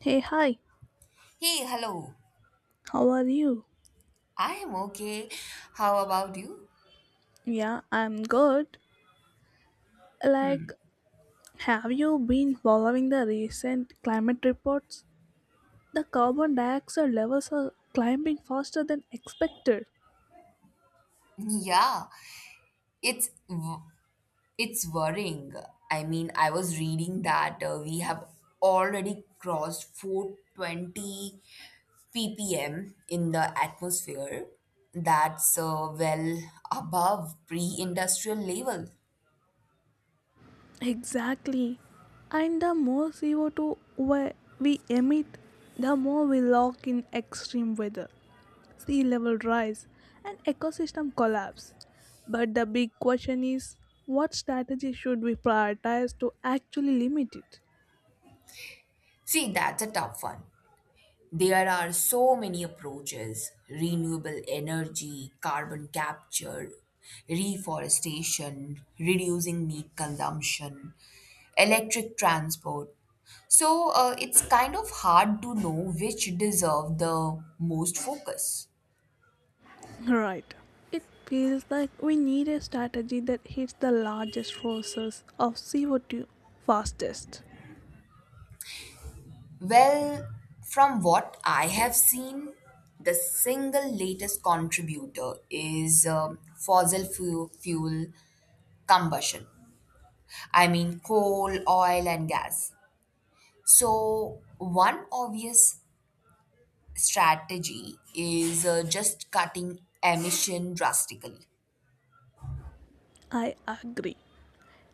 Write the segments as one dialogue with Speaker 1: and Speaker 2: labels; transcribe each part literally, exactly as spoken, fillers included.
Speaker 1: Hey, hi,
Speaker 2: Hey, hello.
Speaker 1: how are you?
Speaker 2: I am okay. How about you?
Speaker 1: Yeah, I'm good. Like, have you been following the recent climate reports? The carbon dioxide levels are climbing faster than expected.
Speaker 2: Yeah, it's w- it's worrying. I mean, I was reading that uh, we have already crossed four twenty ppm in the atmosphere. That's uh, well above pre-industrial level.
Speaker 1: Exactly. And the more C O two we we emit, the more we lock in extreme weather, sea level rise, and ecosystem collapse. But the big question is, what strategy should we prioritize to actually limit it?
Speaker 2: See, that's a tough one. There are so many approaches: renewable energy, carbon capture, reforestation, reducing meat consumption, electric transport. So, uh, it's kind of hard to know which deserve the most focus.
Speaker 1: Right. It feels like we need a strategy that hits the largest sources of C O two fastest.
Speaker 2: Well, from what I have seen, the single latest contributor is um, fossil fu- fuel combustion. I mean, coal, oil, and gas. So, one obvious strategy is uh, just cutting emission drastically.
Speaker 1: I agree.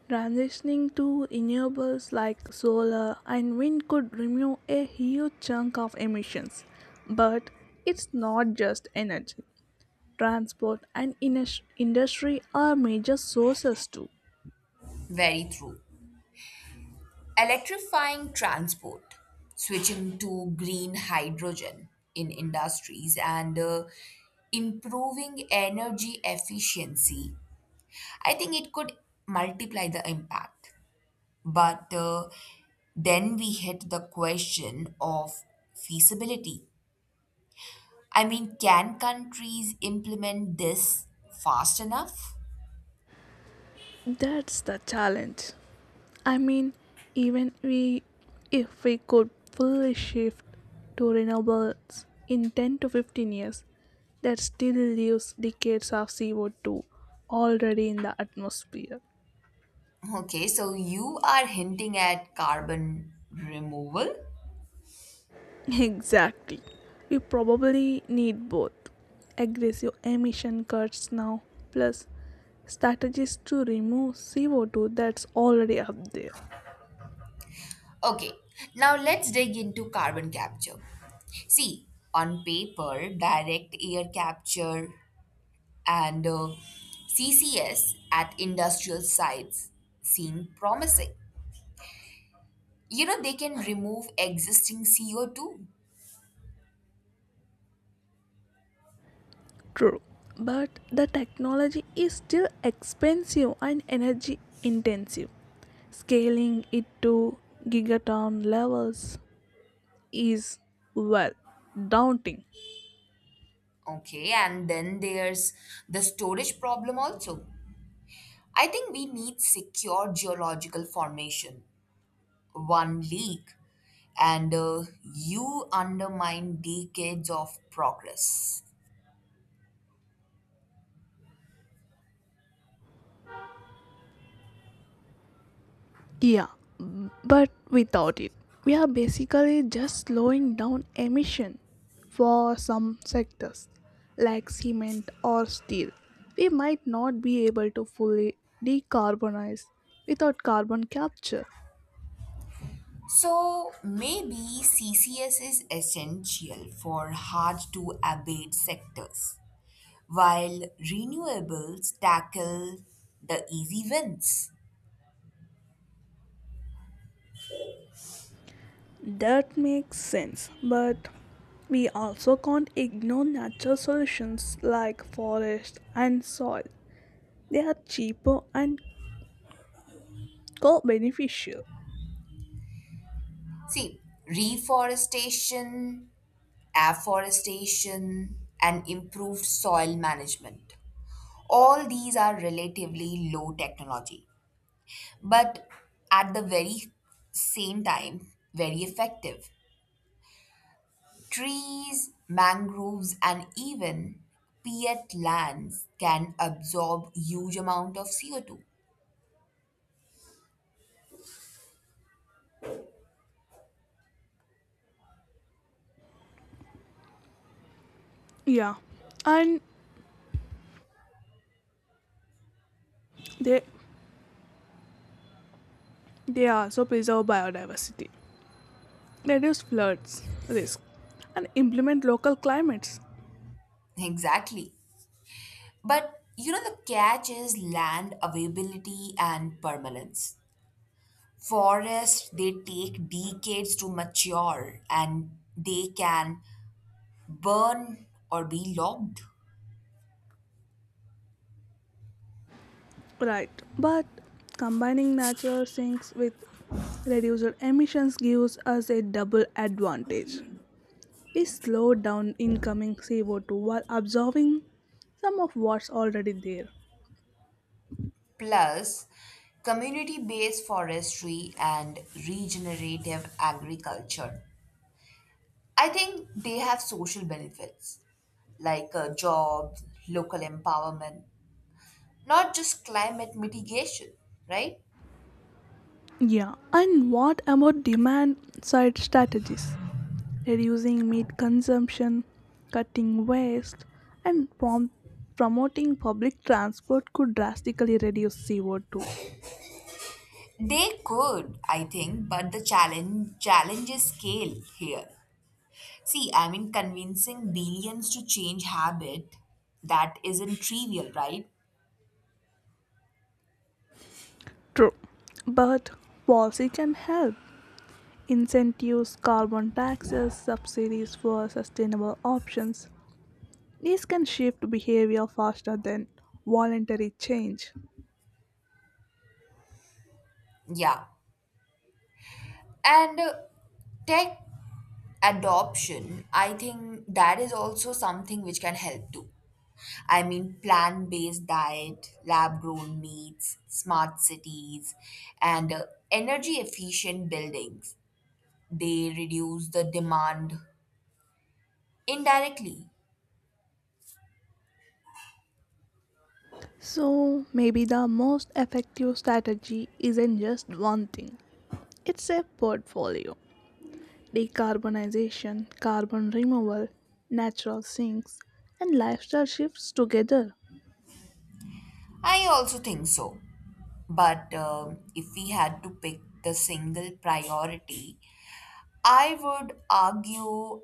Speaker 1: Transitioning to renewables like solar and wind could remove a huge chunk of emissions. But it's not just energy. Transport and indus- industry are major sources too.
Speaker 2: Very true. Electrifying transport, switching to green hydrogen in industries, and uh, improving energy efficiency. I think it could multiply the impact. But uh, then we hit the question of feasibility. I mean, can countries implement this fast enough?
Speaker 1: That's the challenge. I mean, even we, if we could fully shift to renewables in ten to fifteen years, that still leaves decades of C O two already in the atmosphere.
Speaker 2: Okay, so you are hinting at carbon removal.
Speaker 1: Exactly. We probably need both aggressive emission cuts now, plus strategies to remove C O two that's already up there.
Speaker 2: Okay, now let's dig into carbon capture. See, on paper, direct air capture and uh, C C S at industrial sites seem promising. You know, they can remove existing C O two.
Speaker 1: True. But the technology is still expensive and energy intensive. Scaling it to gigaton levels is, well, daunting.
Speaker 2: Okay, and then there's the storage problem also. I think we need secure geological formation. One leak, and uh, you undermine decades of progress.
Speaker 1: Yeah, but without it, we are basically just slowing down emission for some sectors like cement or steel. We might not be able to fully decarbonize without carbon capture.
Speaker 2: So maybe C C S is essential for hard to abate sectors, while renewables tackle the easy wins.
Speaker 1: That makes sense, but we also can't ignore natural solutions like forest and soil. They are cheaper and co beneficial.
Speaker 2: See, reforestation, afforestation, and improved soil management. All these are relatively low technology, but at the very same time, very effective. Trees, mangroves, and even peat lands can absorb huge amount of C O two.
Speaker 1: Yeah, and they they also preserve biodiversity, reduce floods risk, and implement local climates.
Speaker 2: Exactly. But you know the catch is land availability and permanence. Forests they take decades to mature and they can burn or be logged.
Speaker 1: Right, but combining natural sinks with reduced emissions gives us a double advantage. We slow down incoming C O two while absorbing some of what's already there.
Speaker 2: Plus, community based forestry and regenerative agriculture. I think they have social benefits like uh, jobs, local empowerment, not just climate mitigation, right?
Speaker 1: Yeah, and what about demand side strategies? Reducing meat consumption, cutting waste, and prom- promoting public transport could drastically reduce C O two.
Speaker 2: They could, I think, but the challenge challenge is scale here. See, I mean, convincing billions to change habit that isn't trivial, right?
Speaker 1: True. But policy can help. Incentives, carbon taxes, subsidies for sustainable options. These can shift behavior faster than voluntary change.
Speaker 2: Yeah. And uh, tech adoption, I think that is also something which can help too. I mean, plant based diet, lab grown meats, smart cities, and uh, energy efficient buildings. They reduce the demand indirectly.
Speaker 1: So, maybe the most effective strategy isn't just one thing, it's a portfolio. Decarbonization, carbon removal, natural sinks, and lifestyle shifts together.
Speaker 2: I also think so. But um if we had to pick the single priority, I would argue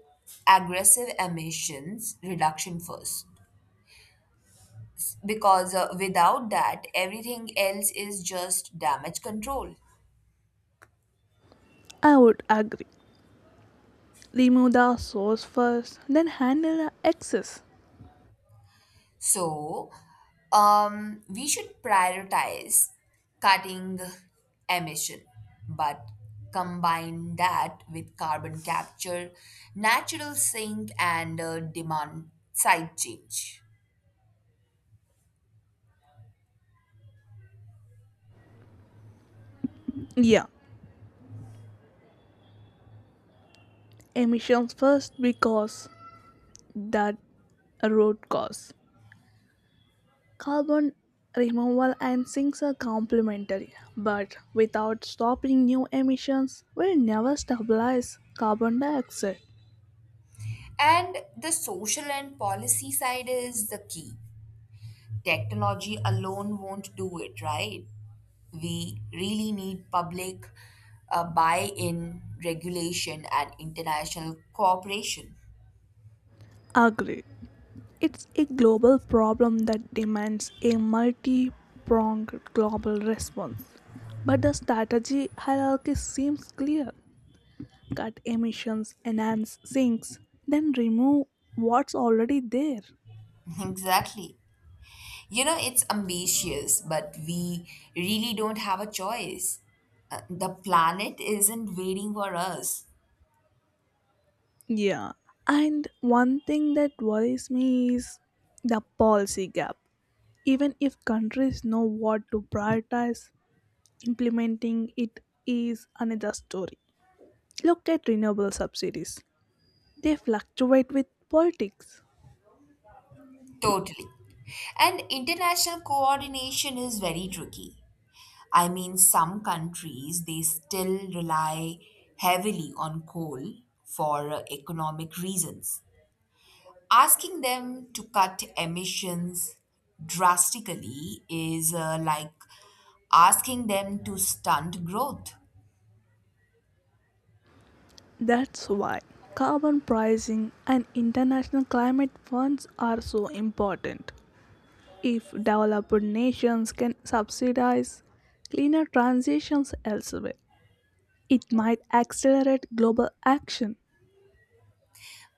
Speaker 2: aggressive emissions reduction first, because uh, without that everything else is just damage control.
Speaker 1: I would agree. Remove the source first, then handle the excess.
Speaker 2: So, um, we should prioritize cutting emission, but combine that with carbon capture, natural sink, and uh, demand side change.
Speaker 1: Yeah, emissions first because that root cause. Carbon removal and sinks are complementary, but without stopping new emissions, we'll never stabilize carbon dioxide.
Speaker 2: And the social and policy side is the key. Technology alone won't do it, right? We really need public, uh, buy in, regulation, and international cooperation.
Speaker 1: Agreed. It's a global problem that demands a multi pronged global response. But the strategy hierarchy seems clear: cut emissions, enhance sinks, then remove what's already there.
Speaker 2: Exactly. You know, it's ambitious, but we really don't have a choice. Uh, the planet isn't waiting for us.
Speaker 1: Yeah. And one thing that worries me is the policy gap. Even if countries know what to prioritize, implementing it is another story. Look at renewable subsidies. They fluctuate with politics.
Speaker 2: Totally. And international coordination is very tricky. I mean, some countries they still rely heavily on coal for uh, economic reasons. Asking them to cut emissions drastically is uh, like asking them to stunt growth.
Speaker 1: That's why carbon pricing and international climate funds are so important. If developed nations can subsidize cleaner transitions elsewhere, it might accelerate global action.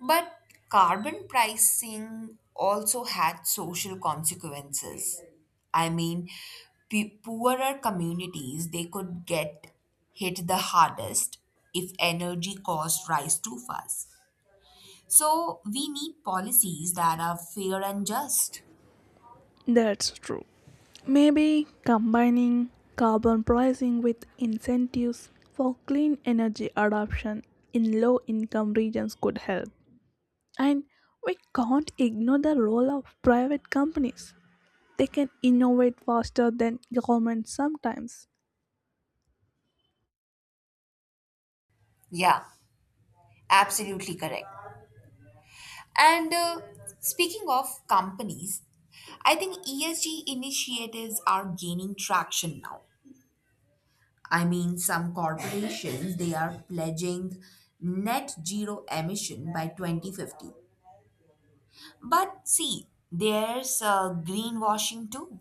Speaker 2: But carbon pricing also had social consequences. I mean, p- poorer communities they could get hit the hardest if energy costs rise too fast. So we need policies that are fair and just.
Speaker 1: That's true. Maybe combining carbon pricing with incentives for clean energy adoption in low income regions could help. And we can't ignore the role of private companies. They can innovate faster than governments sometimes.
Speaker 2: Yeah, absolutely correct. And uh, speaking of companies, I think E S G initiatives are gaining traction now. I mean, some corporations, they are pledging net zero emission by twenty fifty. But see, there's uh, greenwashing too,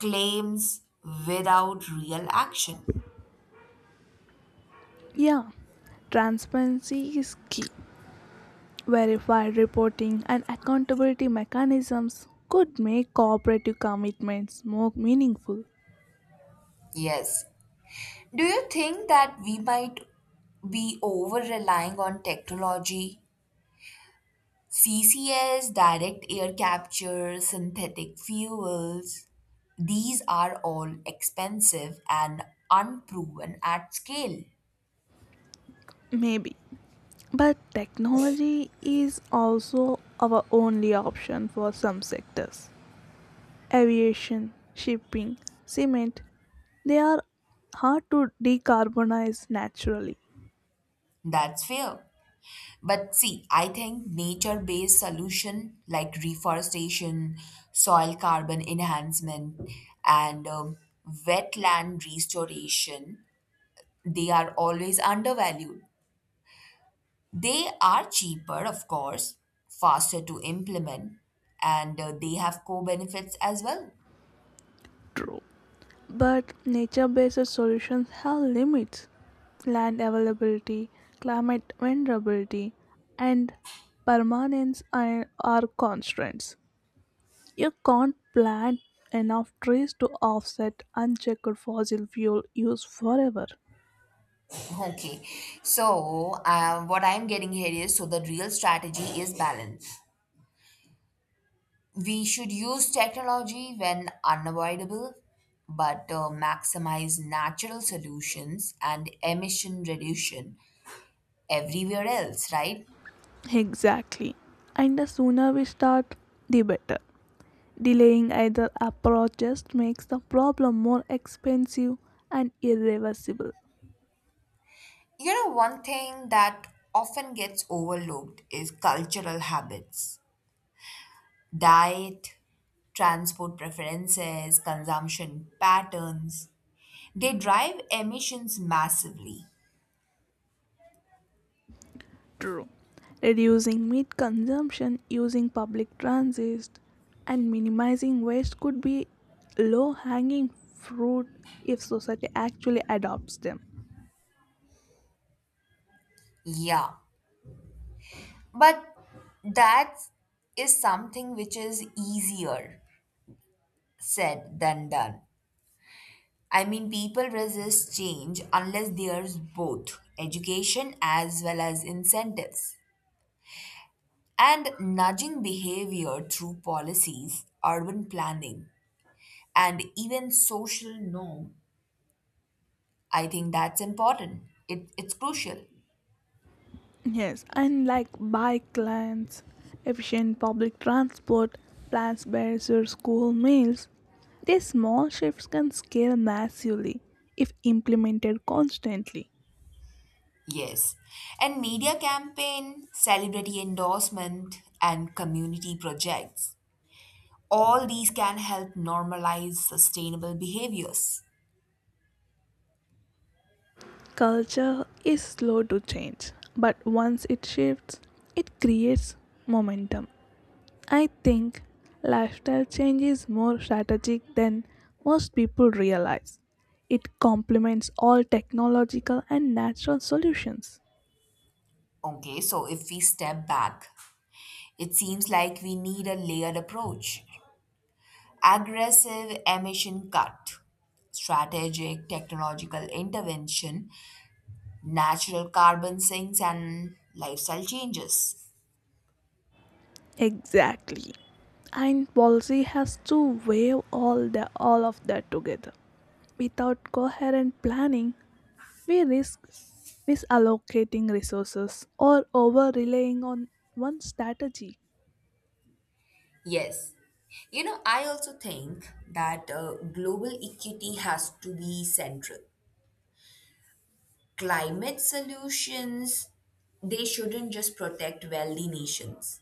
Speaker 2: claims without real action.
Speaker 1: Yeah, transparency is key. Verified reporting and accountability mechanisms could make cooperative commitments more meaningful.
Speaker 2: Yes. Do you think that we might be over relying on technology? C C S, direct air capture, synthetic fuels, these are all expensive and unproven at scale.
Speaker 1: Maybe. But technology is also our only option for some sectors. Aviation, shipping, cement, they are hard to decarbonize naturally.
Speaker 2: That's fair. But see, I think nature based solution like reforestation, soil carbon enhancement, and um, wetland restoration, they are always undervalued. They are cheaper, of course, faster to implement, and uh, they have co benefits as well.
Speaker 1: True. But nature based solutions have limits: land availability, climate vulnerability, and permanence are are constraints. You can't plant enough trees to offset unchecked fossil fuel use forever.
Speaker 2: Okay, so, uh, what I'm getting here is so the real strategy is balance. We should use technology when unavoidable, but uh, maximize natural solutions and emission reduction everywhere else, right?
Speaker 1: Exactly. And the sooner we start, the better. Delaying either approach just makes the problem more expensive and irreversible.
Speaker 2: You know, one thing that often gets overlooked is cultural habits, diet, transport preferences, consumption patterns. They drive emissions massively.
Speaker 1: True. Reducing meat consumption, using public transit, and minimizing waste could be low hanging fruit if society actually adopts them.
Speaker 2: Yeah, but that is something which is easier said than done. I mean, people resist change unless there's both education as well as incentives. And nudging behavior through policies, urban planning, and even social norm, I think that's important. It, it's crucial.
Speaker 1: Yes, and like bike lanes, efficient public transport, plans bears your school meals, these small shifts can scale massively if implemented constantly.
Speaker 2: Yes. And media campaign, celebrity endorsement, and community projects. All these can help normalize sustainable behaviors.
Speaker 1: Culture is slow to change, but once it shifts, it creates momentum. I think lifestyle change is more strategic than most people realize. It complements all technological and natural solutions.
Speaker 2: Okay, so if we step back, it seems like we need a layered approach: aggressive emission cut, strategic technological intervention, natural carbon sinks, and lifestyle changes.
Speaker 1: Exactly. And policy has to weigh all the all of that together. Without coherent planning, we risk misallocating resources or over relying on one strategy.
Speaker 2: Yes. You know, I also think that uh, global equity has to be central. Climate solutions, they shouldn't just protect wealthy nations.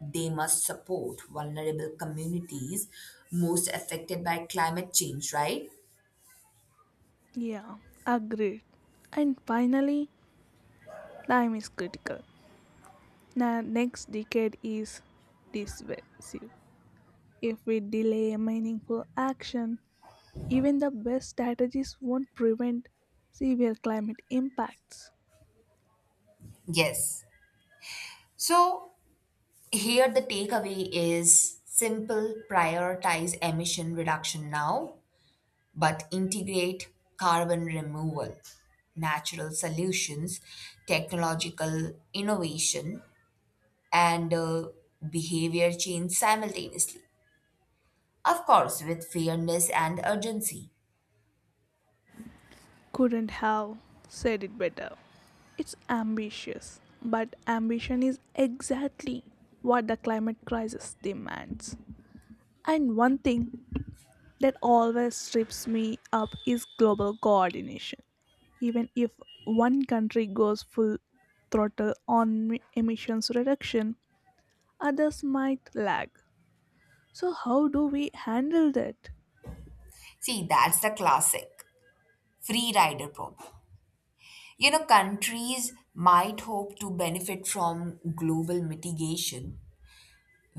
Speaker 2: They must support vulnerable communities most affected by climate change, right?
Speaker 1: Yeah, agreed. And finally, time is critical. The next decade is decisive. If we delay meaningful action, even the best strategies won't prevent severe climate impacts.
Speaker 2: Yes. So here the takeaway is simple: prioritize emission reduction now, but integrate carbon removal, natural solutions, technological innovation, and uh, behavior change simultaneously. Of course, with fairness and urgency.
Speaker 1: Couldn't have said it better. It's ambitious, but ambition is exactly what the climate crisis demands. And one thing that always trips me up is global coordination. Even if one country goes full throttle on m- emissions reduction, others might lag. So, how do we handle that?
Speaker 2: See, that's the classic free rider problem. You know, countries might hope to benefit from global mitigation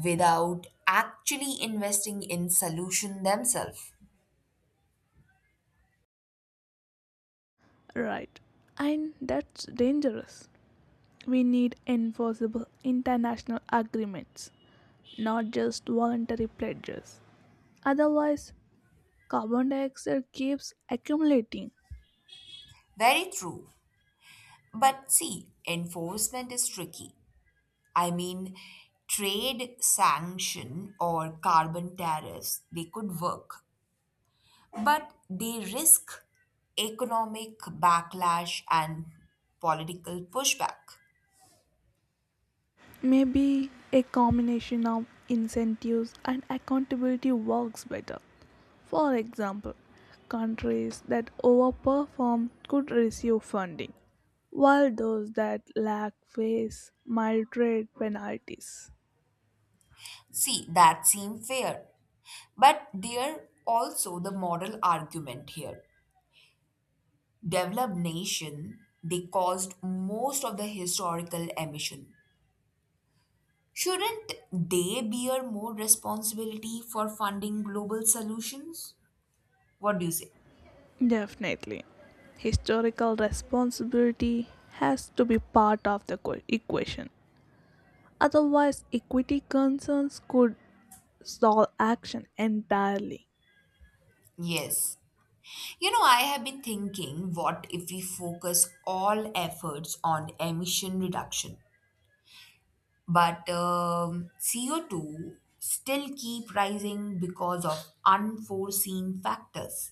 Speaker 2: without actually investing in solution themselves.
Speaker 1: Right. And that's dangerous. We need enforceable international agreements, not just voluntary pledges. Otherwise, carbon dioxide keeps accumulating.
Speaker 2: Very true. But see, enforcement is tricky. I mean, trade sanction or carbon tariffs, they could work, but they risk economic backlash and political pushback.
Speaker 1: Maybe a combination of incentives and accountability works better. For example, countries that overperform could receive funding, while those that lack face mild trade penalties.
Speaker 2: See, that seems fair. But there also the moral argument here. Developed nation, they caused most of the historical emission. Shouldn't they bear more responsibility for funding global solutions? What do you say?
Speaker 1: Definitely. Historical responsibility has to be part of the equa- equation. Otherwise, equity concerns could stall action entirely.
Speaker 2: Yes. You know, I have been thinking what if we focus all efforts on emission reduction, but um, C O two still keep rising because of unforeseen factors.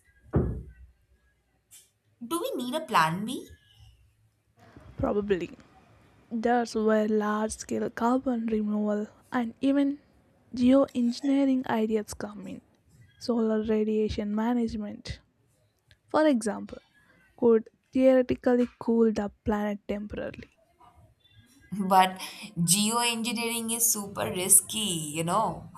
Speaker 2: Do we need a plan B?
Speaker 1: Probably. There's where large scale carbon removal and even geoengineering ideas come in. Solar radiation management, for example, could theoretically cool the planet temporarily.
Speaker 2: But geoengineering is super risky, you know.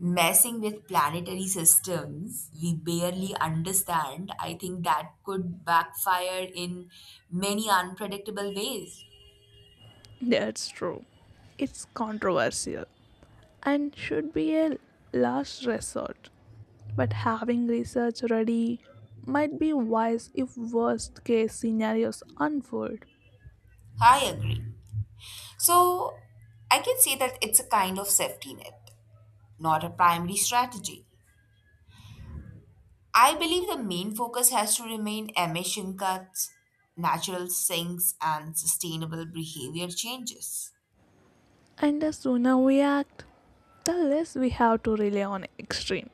Speaker 2: Messing with planetary systems we barely understand, I think that could backfire in many unpredictable ways.
Speaker 1: That's true. It's controversial and should be a last resort. But having research ready might be wise if worst case scenarios unfold.
Speaker 2: I agree. So, I can say that it's a kind of safety net, not a primary strategy. I believe the main focus has to remain emission cuts, natural sinks, and sustainable behavior changes.
Speaker 1: And the sooner we act, the less we have to rely on extreme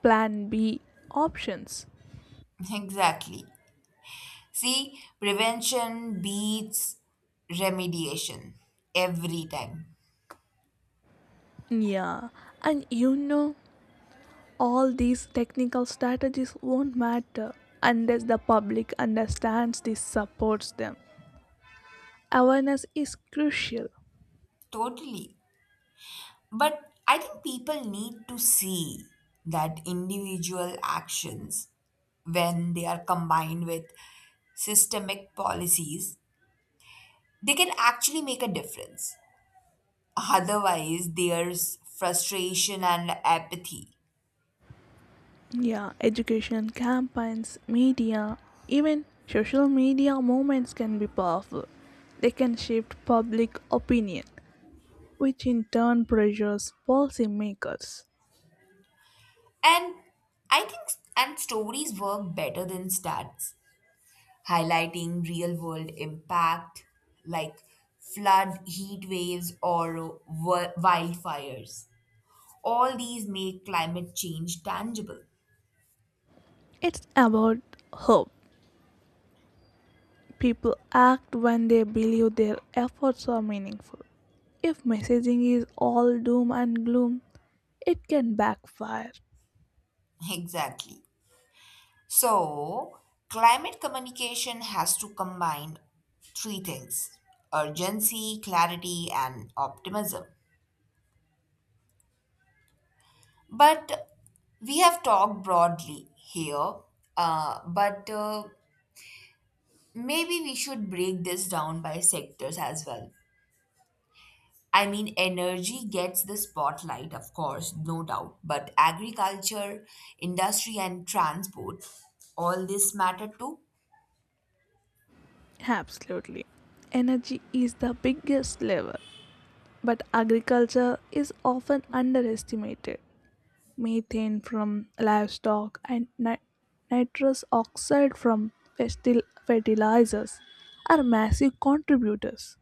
Speaker 1: plan B options.
Speaker 2: Exactly. See, prevention beats remediation every time.
Speaker 1: Yeah, and you know, all these technical strategies won't matter unless the public understands this supports them. Awareness is crucial.
Speaker 2: Totally. But I think people need to see that individual actions, when they are combined with systemic policies, they can actually make a difference. Otherwise, there's frustration and apathy.
Speaker 1: Yeah, education campaigns, media, even social media movements can be powerful. They can shift public opinion, which in turn pressures policymakers.
Speaker 2: And I think s- and stories work better than stats, highlighting real world impact like flood, heat waves, or wi- wildfires. All these make climate change tangible.
Speaker 1: It's about hope. People act when they believe their efforts are meaningful. If messaging is all doom and gloom, it can backfire.
Speaker 2: Exactly. So, climate communication has to combine three things: urgency, clarity, and optimism. But we have talked broadly here, uh, but uh, maybe we should break this down by sectors as well. I mean, energy gets the spotlight, of course, no doubt, but agriculture, industry, and transport, all this matter too,
Speaker 1: Absolutely. Energy is the biggest lever, but agriculture is often underestimated. Methane from livestock, and ni- nitrous oxide from festil- fertilizers are massive contributors.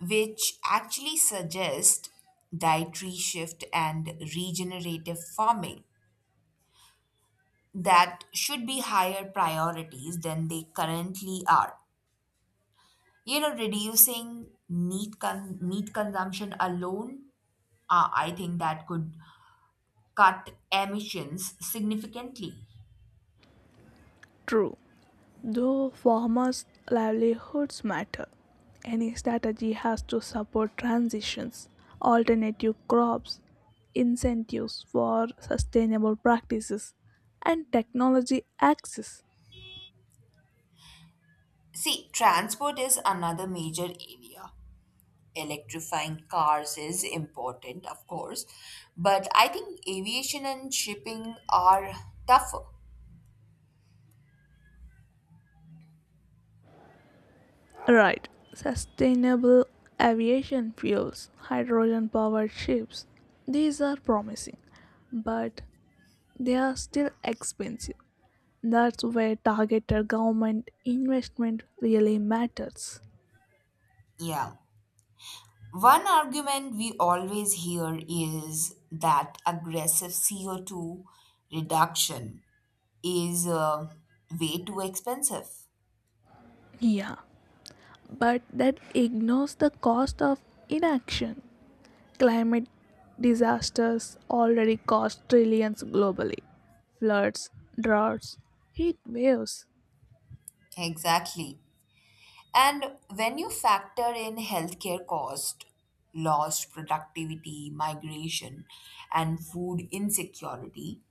Speaker 2: which actually suggest dietary shift and regenerative farming that should be higher priorities than they currently are. You know, reducing meat, con- meat consumption alone, uh, I think that could cut emissions significantly.
Speaker 1: True, though farmers' livelihoods matter, any strategy has to support transitions, alternative crops, incentives for sustainable practices, and technology access.
Speaker 2: See, transport is another major area. Electrifying cars is important, of course, but I think aviation and shipping are tougher.
Speaker 1: Right. Sustainable aviation fuels, hydrogen powered ships. These are promising, but they are still expensive. That's where targeted government investment really matters.
Speaker 2: Yeah. One argument we always hear is that aggressive C O two reduction is uh, way too expensive.
Speaker 1: Yeah, but that ignores the cost of inaction. Climate disasters already cost trillions globally: floods, droughts, heat waves.
Speaker 2: Exactly. And when you factor in healthcare cost, lost productivity, migration, and food insecurity,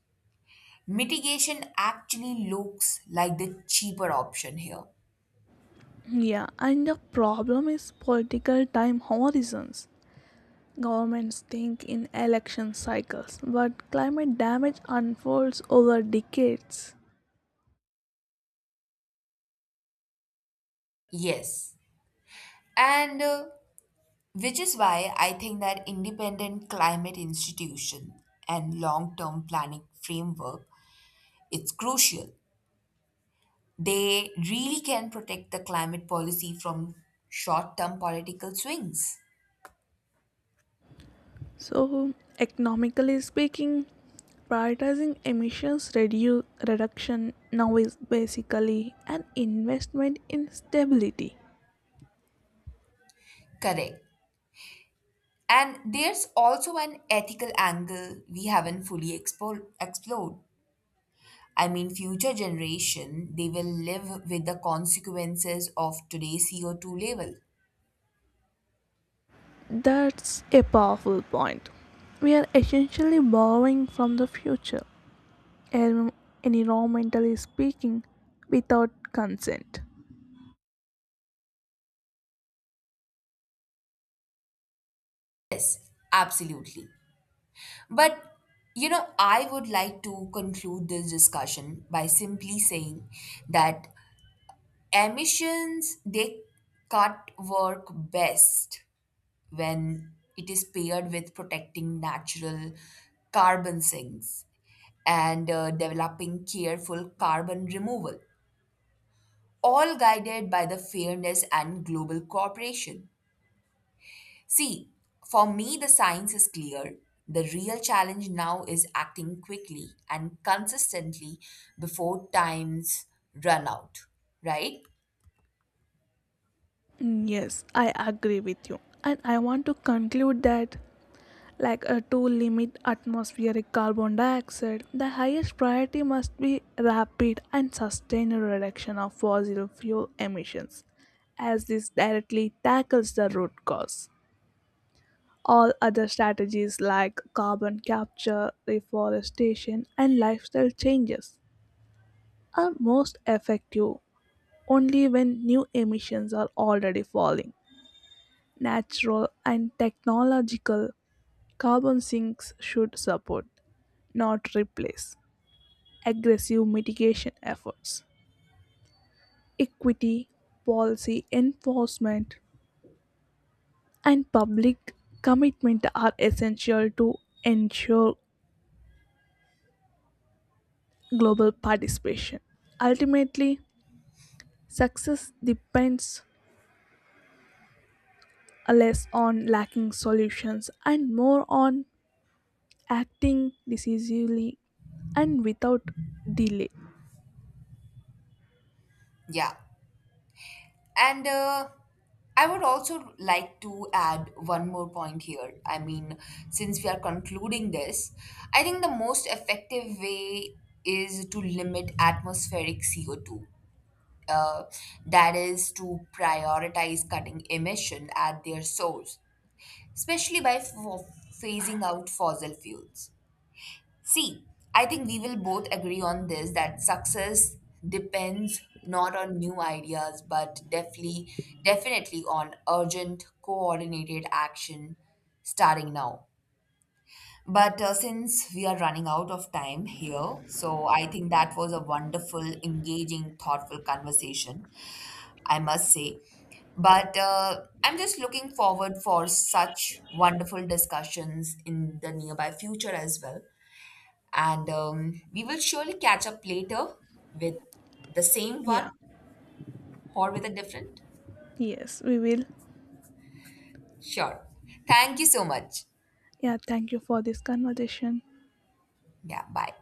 Speaker 2: mitigation actually looks like the cheaper option here.
Speaker 1: Yeah, and the problem is political time horizons. Governments think in election cycles, but climate damage unfolds over decades.
Speaker 2: Yes. And uh, which is why I think that independent climate institution and long-term planning framework, it's crucial. They really can protect the climate policy from short-term political swings.
Speaker 1: So, economically speaking, prioritizing emissions redu- reduction now is basically an investment in stability.
Speaker 2: Correct. And there's also an ethical angle we haven't fully expo- explored. I mean, future generation, they will live with the consequences of today's C O two level.
Speaker 1: That's a powerful point. We are essentially borrowing from the future, en- environmentally speaking, without consent.
Speaker 2: Yes, absolutely. But, you know, I would like to conclude this discussion by simply saying that emissions, they cut work best when it is paired with protecting natural carbon sinks and uh, developing careful carbon removal, all guided by the fairness and global cooperation. See, for me, the science is clear. The real challenge now is acting quickly and consistently before times run out, right?
Speaker 1: Mm, yes, I agree with you. And I want to conclude that, like uh, to limit atmospheric carbon dioxide, the highest priority must be rapid and sustained reduction of fossil fuel emissions, as this directly tackles the root cause. All other strategies like carbon capture, reforestation, and lifestyle changes are most effective only when new emissions are already falling. Natural and technological carbon sinks should support, not replace, aggressive mitigation efforts. Equity, policy enforcement, and public commitment are essential to ensure global participation. Ultimately, success depends less on lacking solutions and more on acting decisively and without delay.
Speaker 2: Yeah. And uh, I would also like to add one more point here. I mean, since we are concluding this, I think the most effective way is to limit atmospheric C O two. Uh, that is to prioritize cutting emission at their source, especially by f- phasing out fossil fuels. See, I think we will both agree on this that success depends not on new ideas but definitely definitely on urgent coordinated action starting now. But uh, since we are running out of time here, so I think that was a wonderful, engaging, thoughtful conversation, I must say. But uh, I'm just looking forward for such wonderful discussions in the nearby future as well. And um, we will surely catch up later with the same one
Speaker 1: Yeah,
Speaker 2: or with a different.
Speaker 1: yes, we will.
Speaker 2: Sure. Thank you so much.
Speaker 1: Yeah, thank you for this conversation.
Speaker 2: Yeah, bye.